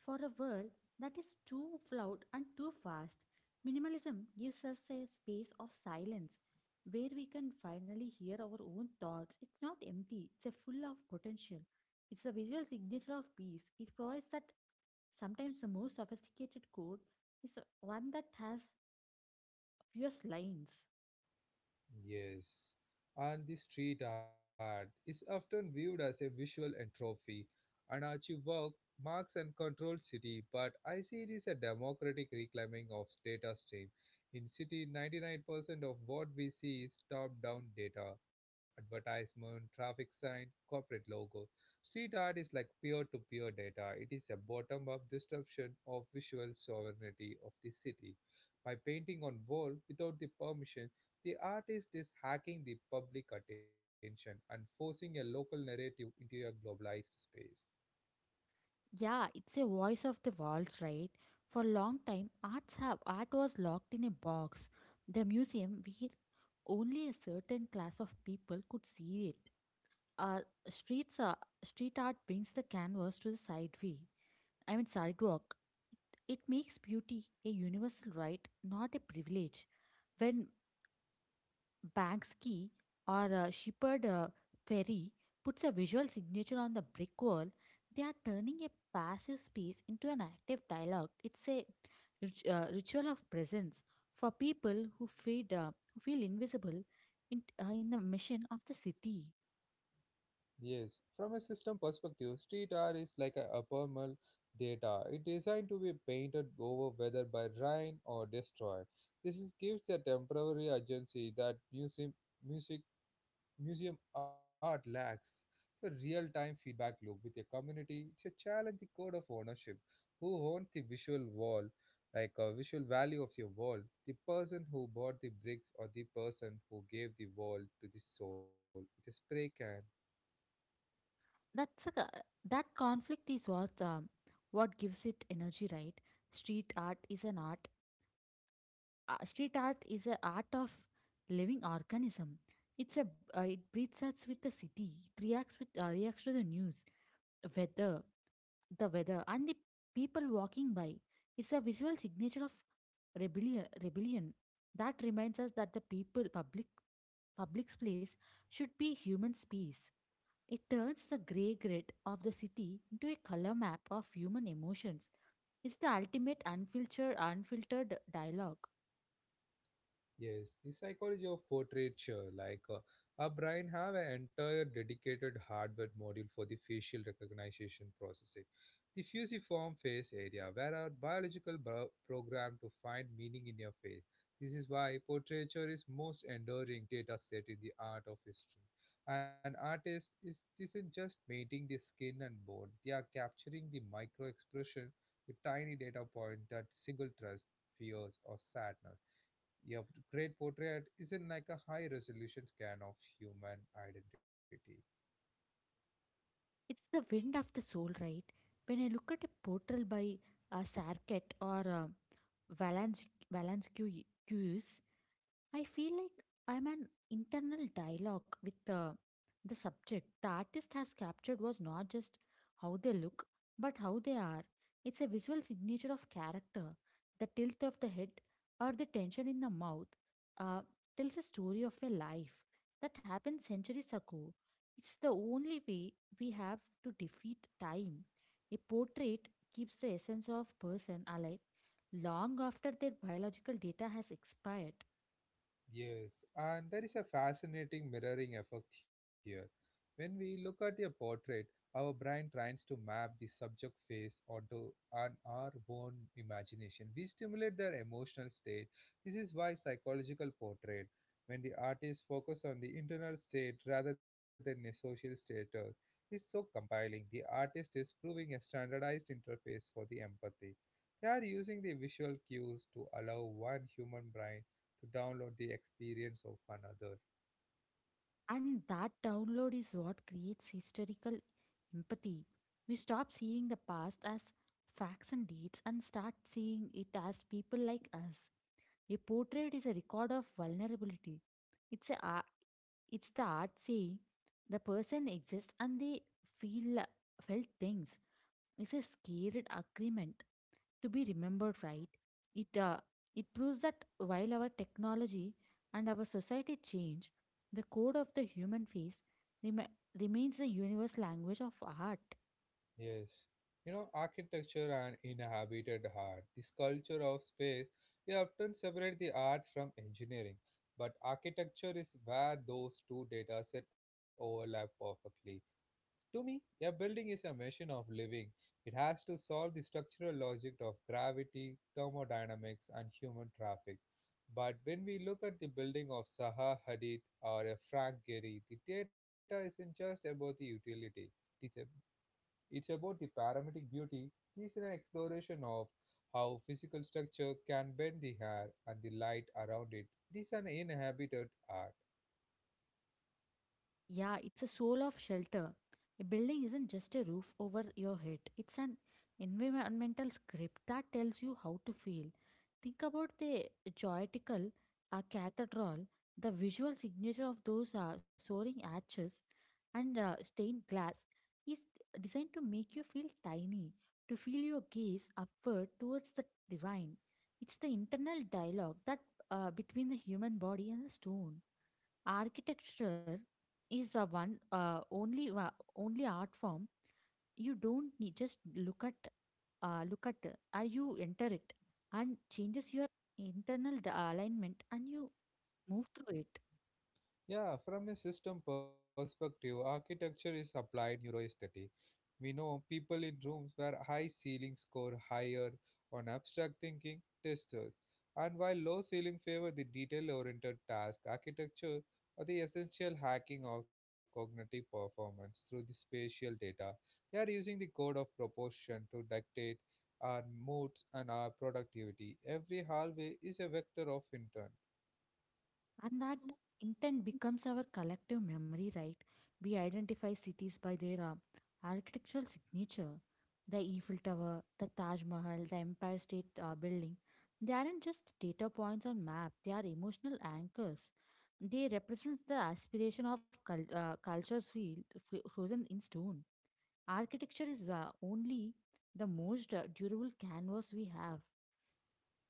Speaker 2: For a world that is too loud and too fast, minimalism gives us a space of silence where we can finally hear our own thoughts. It's not empty, it's a full of potential. It's a visual signature of peace. It provides that sometimes the most sophisticated code is one that has fewest lines.
Speaker 1: Yes, and the street art is often viewed as a visual entropy. Anarchy work marks and controlled city, but I see it is a democratic reclaiming of data stream. In city, 99% of what we see is top-down data, advertisement, traffic sign, corporate logo. Street art is like peer-to-peer data. It is a bottom-up disruption of visual sovereignty of the city by painting on wall without the permission the artist is hacking the public attention and forcing a local narrative into a globalized space.
Speaker 2: Yeah, it's a voice of the walls, right? For a long time, art was locked in a box. The museum where only a certain class of people could see it. Uh, streets are, street art brings the canvas to the sideway. I mean sidewalk. It makes beauty a universal right, not a privilege. When Bagsky or Shepherd Ferry puts a visual signature on the brick wall, they are turning a passive space into an active dialogue. It's a ritual of presence for people who feel invisible in the mission of the city.
Speaker 1: Yes, from a system perspective, street art is like a abnormal data. It designed to be painted over whether by rain or destroy. This is, gives a temporary agency that music Museum art lacks the real time feedback loop with a community to challenge the code of ownership. Who owns the visual wall, like a visual value of your wall? The person who bought the bricks or the person who gave the wall to the soul with a spray can?
Speaker 2: That's a, that conflict is what gives it energy, right? Street art is an art street art is an art of living organism. It breathes us with the city. It reacts to the news, weather, the weather, and the people walking by. It's a visual signature of rebellion that reminds us that the public space should be human space. It turns the gray grid of the city into a color map of human emotions. It's the ultimate unfiltered dialogue.
Speaker 1: Yes, the psychology of portraiture, like our brain have an entire dedicated hardware module for the facial recognition processing, the fusiform face area, where our program to find meaning in your face. This is why portraiture is most enduring data set in the art of history. An artist is isn't just painting the skin and bone; they are capturing the micro expression, the tiny data point that single trust, fears, or sadness your great portrait isn't like a high resolution scan of human identity.
Speaker 2: It's the wind of the soul, right? When I look at a portrait by Sarkett or Valansky, I feel like I'm an internal dialogue with the subject. The artist has captured was not just how they look, but how they are. It's a visual signature of character. The tilt of the head or the tension in the mouth uh, tells a story of a life that happened centuries ago. It's the only way we have to defeat time. A portrait keeps the essence of person alive long after their biological data has expired.
Speaker 1: Yes, and there is a fascinating mirroring effect here. When we look at a portrait, our brain tries to map the subject face onto an, our own imagination. We stimulate their emotional state. This is why psychological portrait, when the artist focus on the internal state rather than a social status, is so compelling. The artist is proving a standardized interface for the empathy. They are using the visual cues to allow one human brain to download the experience of another.
Speaker 2: And that download is what creates historical empathy. We stop seeing the past as facts and dates and start seeing it as people like us. A portrait is a record of vulnerability. It's a ar- it's the art saying the person exists and they feel felt things is a scared agreement to be remembered, right? It uh, it proves that while our technology and our society change, the code of the human face rem- remains the universal language of art.
Speaker 1: Yes. You know, architecture and inhabited heart. This culture of space, they often separate the art from engineering, but architecture is where those two data sets overlap perfectly. To me, a building is a machine of living. It has to solve the structural logic of gravity, thermodynamics, and human traffic. But when we look at the building of Zaha Hadid or a Frank Gehry, the data isn't just about the utility. It's, a, it's about the paramedic beauty. It's an exploration of how physical structure can bend the hair and the light around it. It is an inhabited art.
Speaker 2: Yeah, it's a soul of shelter. A building isn't just a roof over your head, it's an environmental script that tells you how to feel. Think about the joytical cathedral, the visual signature of those soaring arches and stained glass is designed to make you feel tiny, to feel your gaze upward towards the divine. It's the internal dialogue that between the human body and the stone. Architecture is a one only wa- only art form. You don't need just look at you enter it and changes your internal alignment and you move through it.
Speaker 1: Yeah, from a system perspective, architecture is applied neuroaesthetic. We know people in rooms where high ceilings score higher on abstract thinking testers, and while low ceilings favor the detail-oriented task, architecture or the essential hacking of cognitive performance through the spatial data. They are using the code of proportion to dictate our moods and our productivity. Every hallway is a vector of intent.
Speaker 2: And that intent becomes our collective memory, right? We identify cities by their architectural signature. The Eiffel Tower, the Taj Mahal, the Empire State Building. They aren't just data points on map, they are emotional anchors. They represent the aspiration of cultures field, frozen in stone. Architecture is only the most durable canvas we have.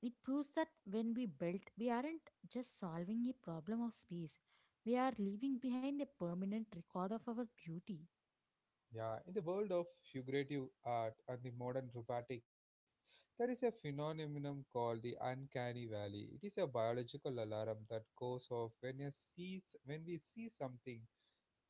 Speaker 2: It proves that when we build, we aren't just solving a problem of space, we are leaving behind a permanent record of our beauty.
Speaker 1: Yeah, in the world of figurative art and the modern robotic, there is a phenomenon called the uncanny valley. It is a biological alarm that goes off when we see something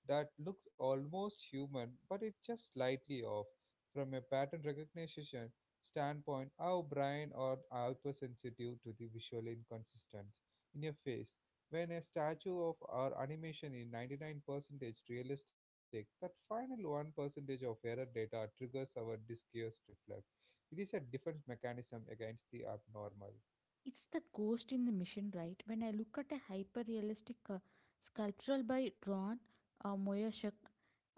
Speaker 1: that looks almost human, but it's just slightly off. From a pattern recognition standpoint, our brain are hypersensitive to the visual inconsistence in a face. When a statue of our animation is 99% realistic, that final 1% of error data triggers our discussed reflex. It is a defense mechanism against the abnormal.
Speaker 2: It's the ghost in the mission, right? When I look at a hyper realistic sculptural by Ron Moyashuk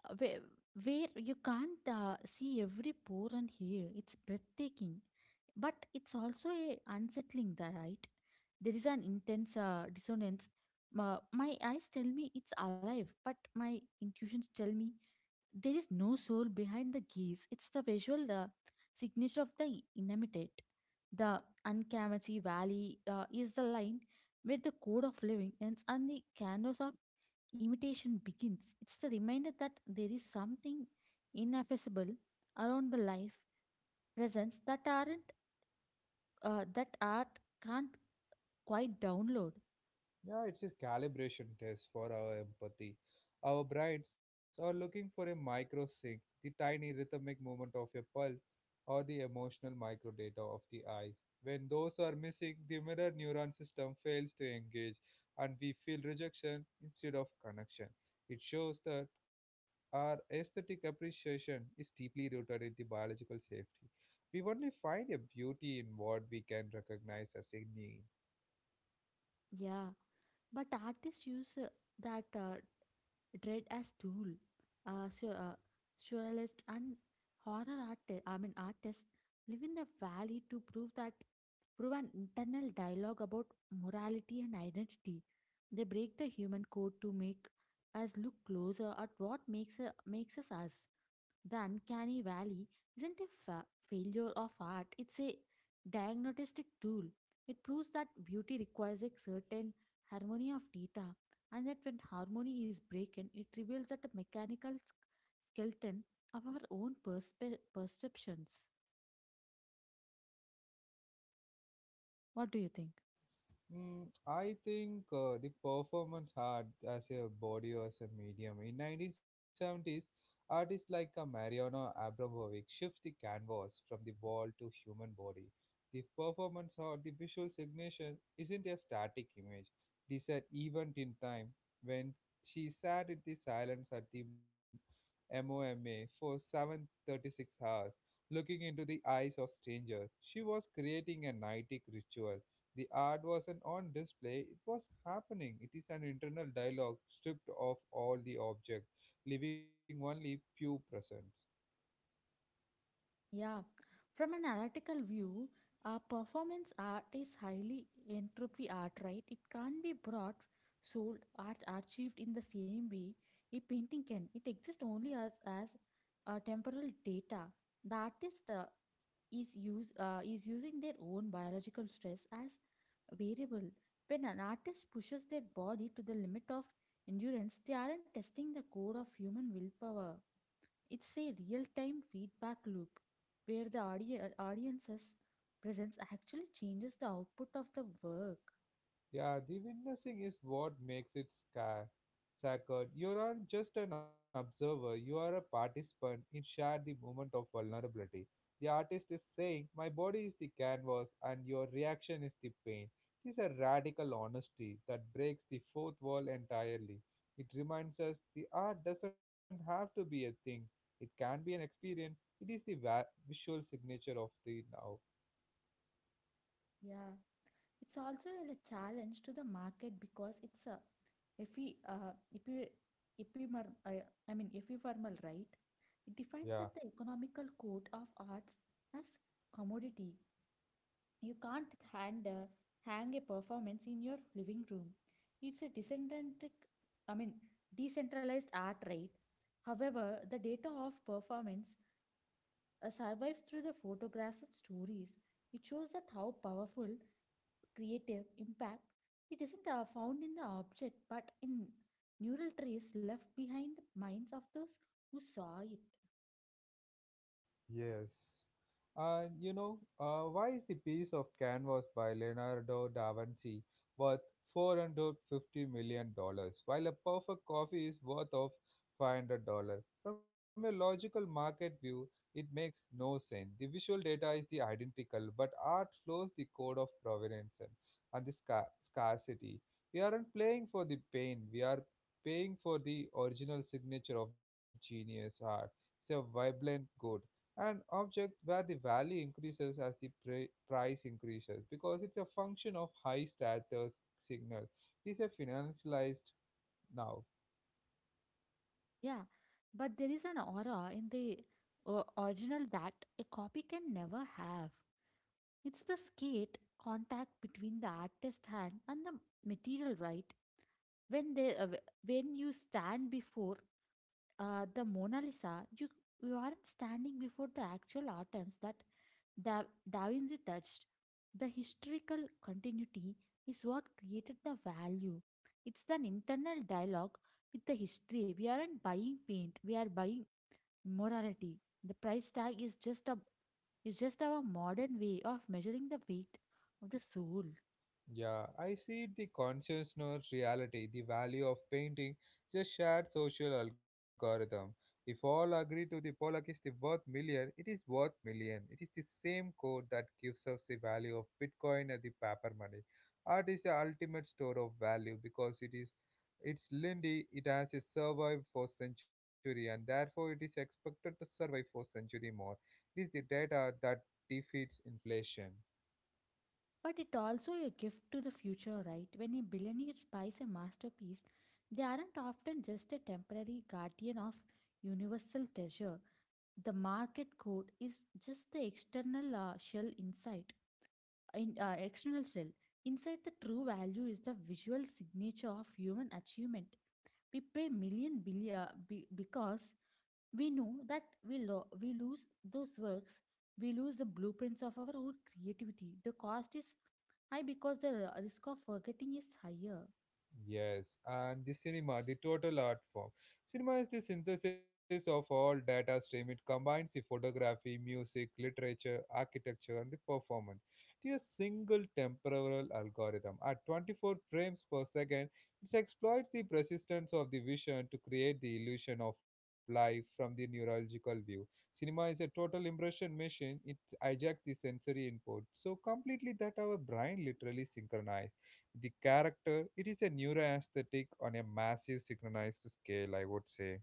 Speaker 2: uh, where, where you can't see every pore and hair. It's breathtaking, but it's also a unsettling, right? There is an intense dissonance. My eyes tell me it's alive, but my intuitions tell me there is no soul behind the gaze. It's the visual signature of the inanimate. The Uncamachi Valley is the line where the code of living ends and the canvas of imitation begins. It's the reminder that there is something ineffaceable around the life presence that aren't that art can't quite download.
Speaker 1: Yeah, it's a calibration test for our empathy. Our brains are looking for a micro sync, the tiny rhythmic movement of a pulse, or the emotional microdata of the eyes. When those are missing, the mirror neuron system fails to engage and we feel rejection instead of connection. It shows that our aesthetic appreciation is deeply rooted in the biological safety. We only find a beauty in what we can recognize as a need.
Speaker 2: Yeah, but artists use that dread as tool, uh, sur- uh, surrealist and horror artist, I mean, artists live in the valley to prove that prove an internal dialogue about morality and identity. They break the human code to make us look closer at what makes us us. The uncanny valley isn't a failure of art, it's a diagnostic tool. It proves that beauty requires a certain harmony of data, and that when harmony is broken, it reveals that the mechanical skeleton of our own perceptions. What do you think?
Speaker 1: I think the performance art as a body or as a medium. In 1970s, artists like Mariano Abramovic shift the canvas from the wall to human body. The performance art, the visual signature, isn't a static image. It is an event in time. When she sat in the silence at the MOMA for 736 hours, looking into the eyes of strangers, she was creating a nightic ritual the art wasn't on display, it was happening. It is an internal dialogue stripped of all the object, leaving only pure presence.
Speaker 2: Yeah, from an analytical view, a performance art is highly entropy art, right? It can't be brought, sold, art achieved in the same way a painting can. It exists only as temporal data. The artist, is using their own biological stress as variable. When an artist pushes their body to the limit of endurance, they aren't testing the code of human willpower. It's a real-time feedback loop where the audience's presence actually changes the output of the work.
Speaker 1: Yeah, the witnessing is what makes it sacred. You aren't just an observer, you are a participant in share the moment of vulnerability. The artist is saying, my body is the canvas and your reaction is the pain. It is a radical honesty that breaks the fourth wall entirely. It reminds us the art doesn't have to be a thing, it can be an experience. It is the visual signature of the now.
Speaker 2: Yeah, it's also a challenge to the market because it's a epi, uh, epi, epimer, I, I mean ephemeral, right? It
Speaker 1: Yeah.
Speaker 2: defines that the economical code of arts as commodity. You can't hand, uh, hang a performance in your living room. It's a decentralized, I mean, decentralized art, right? However, the data of performance survives through the photographs and stories. It shows that how powerful creative impact. It isn't found in the object, but in neural trace left behind the minds of those who saw it.
Speaker 1: Yes. And you know, why is the piece of canvas by Leonardo da Vinci worth $450 million dollars, while a perfect coffee is worth of $500? From a logical market view, it makes no sense. The visual data is the identical, but art flows the code of provenance and the scarcity. We aren't playing for the pain, we are paying for the original signature of genius art. It's a vibrant good an object where the value increases as the price increases because it's a function of high status signal. It is a financialized now.
Speaker 2: Yeah, but there is an aura in the original that a copy can never have. It's the skate contact between the artist's hand and the material, right? When they, uh, when you stand before the Mona Lisa, you aren't standing before the actual items that da, da Vinci touched. The historical continuity is what created the value. It's an internal dialogue with the history. We aren't buying paint; we are buying morality. The price tag is just our modern way of measuring the weight of the soul.
Speaker 1: Yeah, I see the consciousness reality, the value of painting, is a shared social algorithm. If all agree to the Pollock is the worth million, it is worth million. It is the same code that gives us the value of Bitcoin and the paper money. Art is the ultimate store of value because it's Lindy, it has survived for century and therefore it is expected to survive for century more. It is the data that defeats inflation.
Speaker 2: But it also a gift to the future, right? When a billionaire buys a masterpiece, they aren't often just a temporary guardian of universal treasure. The market code is just the external shell inside, external shell. Inside the true value is the visual signature of human achievement. We pay million billion because we know that we lose those works. We lose the blueprints of our own creativity. The cost is high because the risk of forgetting is higher.
Speaker 1: Yes, and the cinema, the total art form. Cinema is the synthesis of all data stream. It combines the photography, music, literature, architecture, and the performance to a single temporal algorithm. At 24 frames per second, it exploits the persistence of the vision to create the illusion of life from the neurological view. Cinema is a total impression machine. It hijacks the sensory input so completely that our brain literally synchronizes the character it is a neuroaesthetic on a massive synchronized scale I would say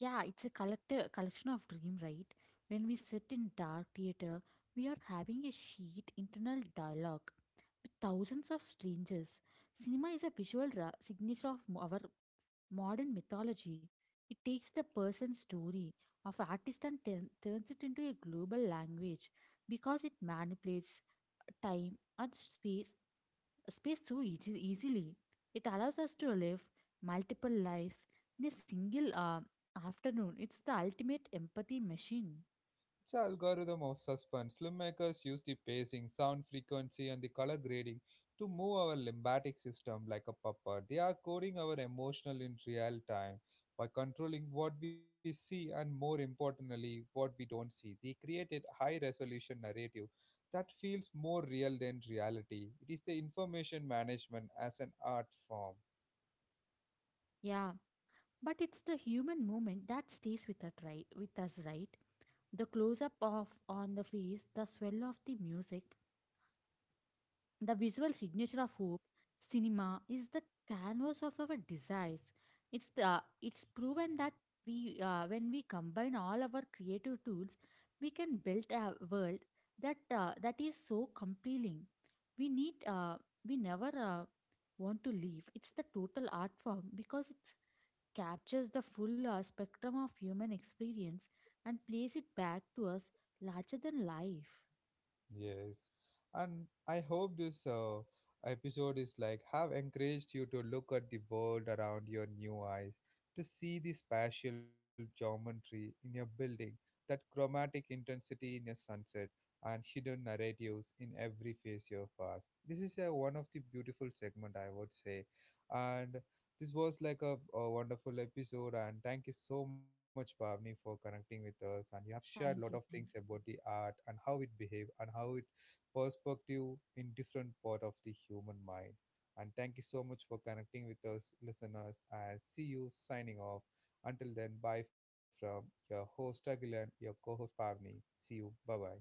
Speaker 2: Yeah, it's a collector collection of dream, right? When we sit in dark theater, we are having a sheet internal dialogue with thousands of strangers. Cinema is a visual signature of our modern mythology. It takes the person's story of artist and turns it into a global language because it manipulates time and space so easily. It allows us to live multiple lives in a single afternoon. It's the ultimate empathy machine.
Speaker 1: it's an algorithm of suspense filmmakers use the pacing sound frequency and the color grading to move our lymphatic system like a puppet they are coding our emotional in real time by controlling what we see and more importantly what we don't see they created high resolution narrative that feels more real than reality it is the information management as an art form.
Speaker 2: Yeah, but it's the human moment that stays with us, right? The close up of on the face, the swell of the music, the visual signature of hope, cinema, is the canvas of our desires. It's proven that we when we combine all our creative tools, we can build a world that is so compelling. We need uh, we never want to leave. It's the total art form because it captures the full spectrum of human experience and plays it back to us larger than life.
Speaker 1: Yes, and I hope this episode is like have encouraged you to look at the world around your new eyes, to see the spatial geometry in your building, that chromatic intensity in your sunset, and hidden narratives in every phase you pass. This is one of the beautiful segment I would say, and this was like a wonderful episode, and thank you so much, Pavni, for connecting with us. And you have shared a lot of
Speaker 2: Thank you.
Speaker 1: things
Speaker 2: Thank you.
Speaker 1: about the art and how it behave and how it perspective in different part of the human mind. And thank you so much for connecting with us, listeners. And see you signing off. Until then, bye from your host Agilan, your co-host Pavni. See you. Bye bye.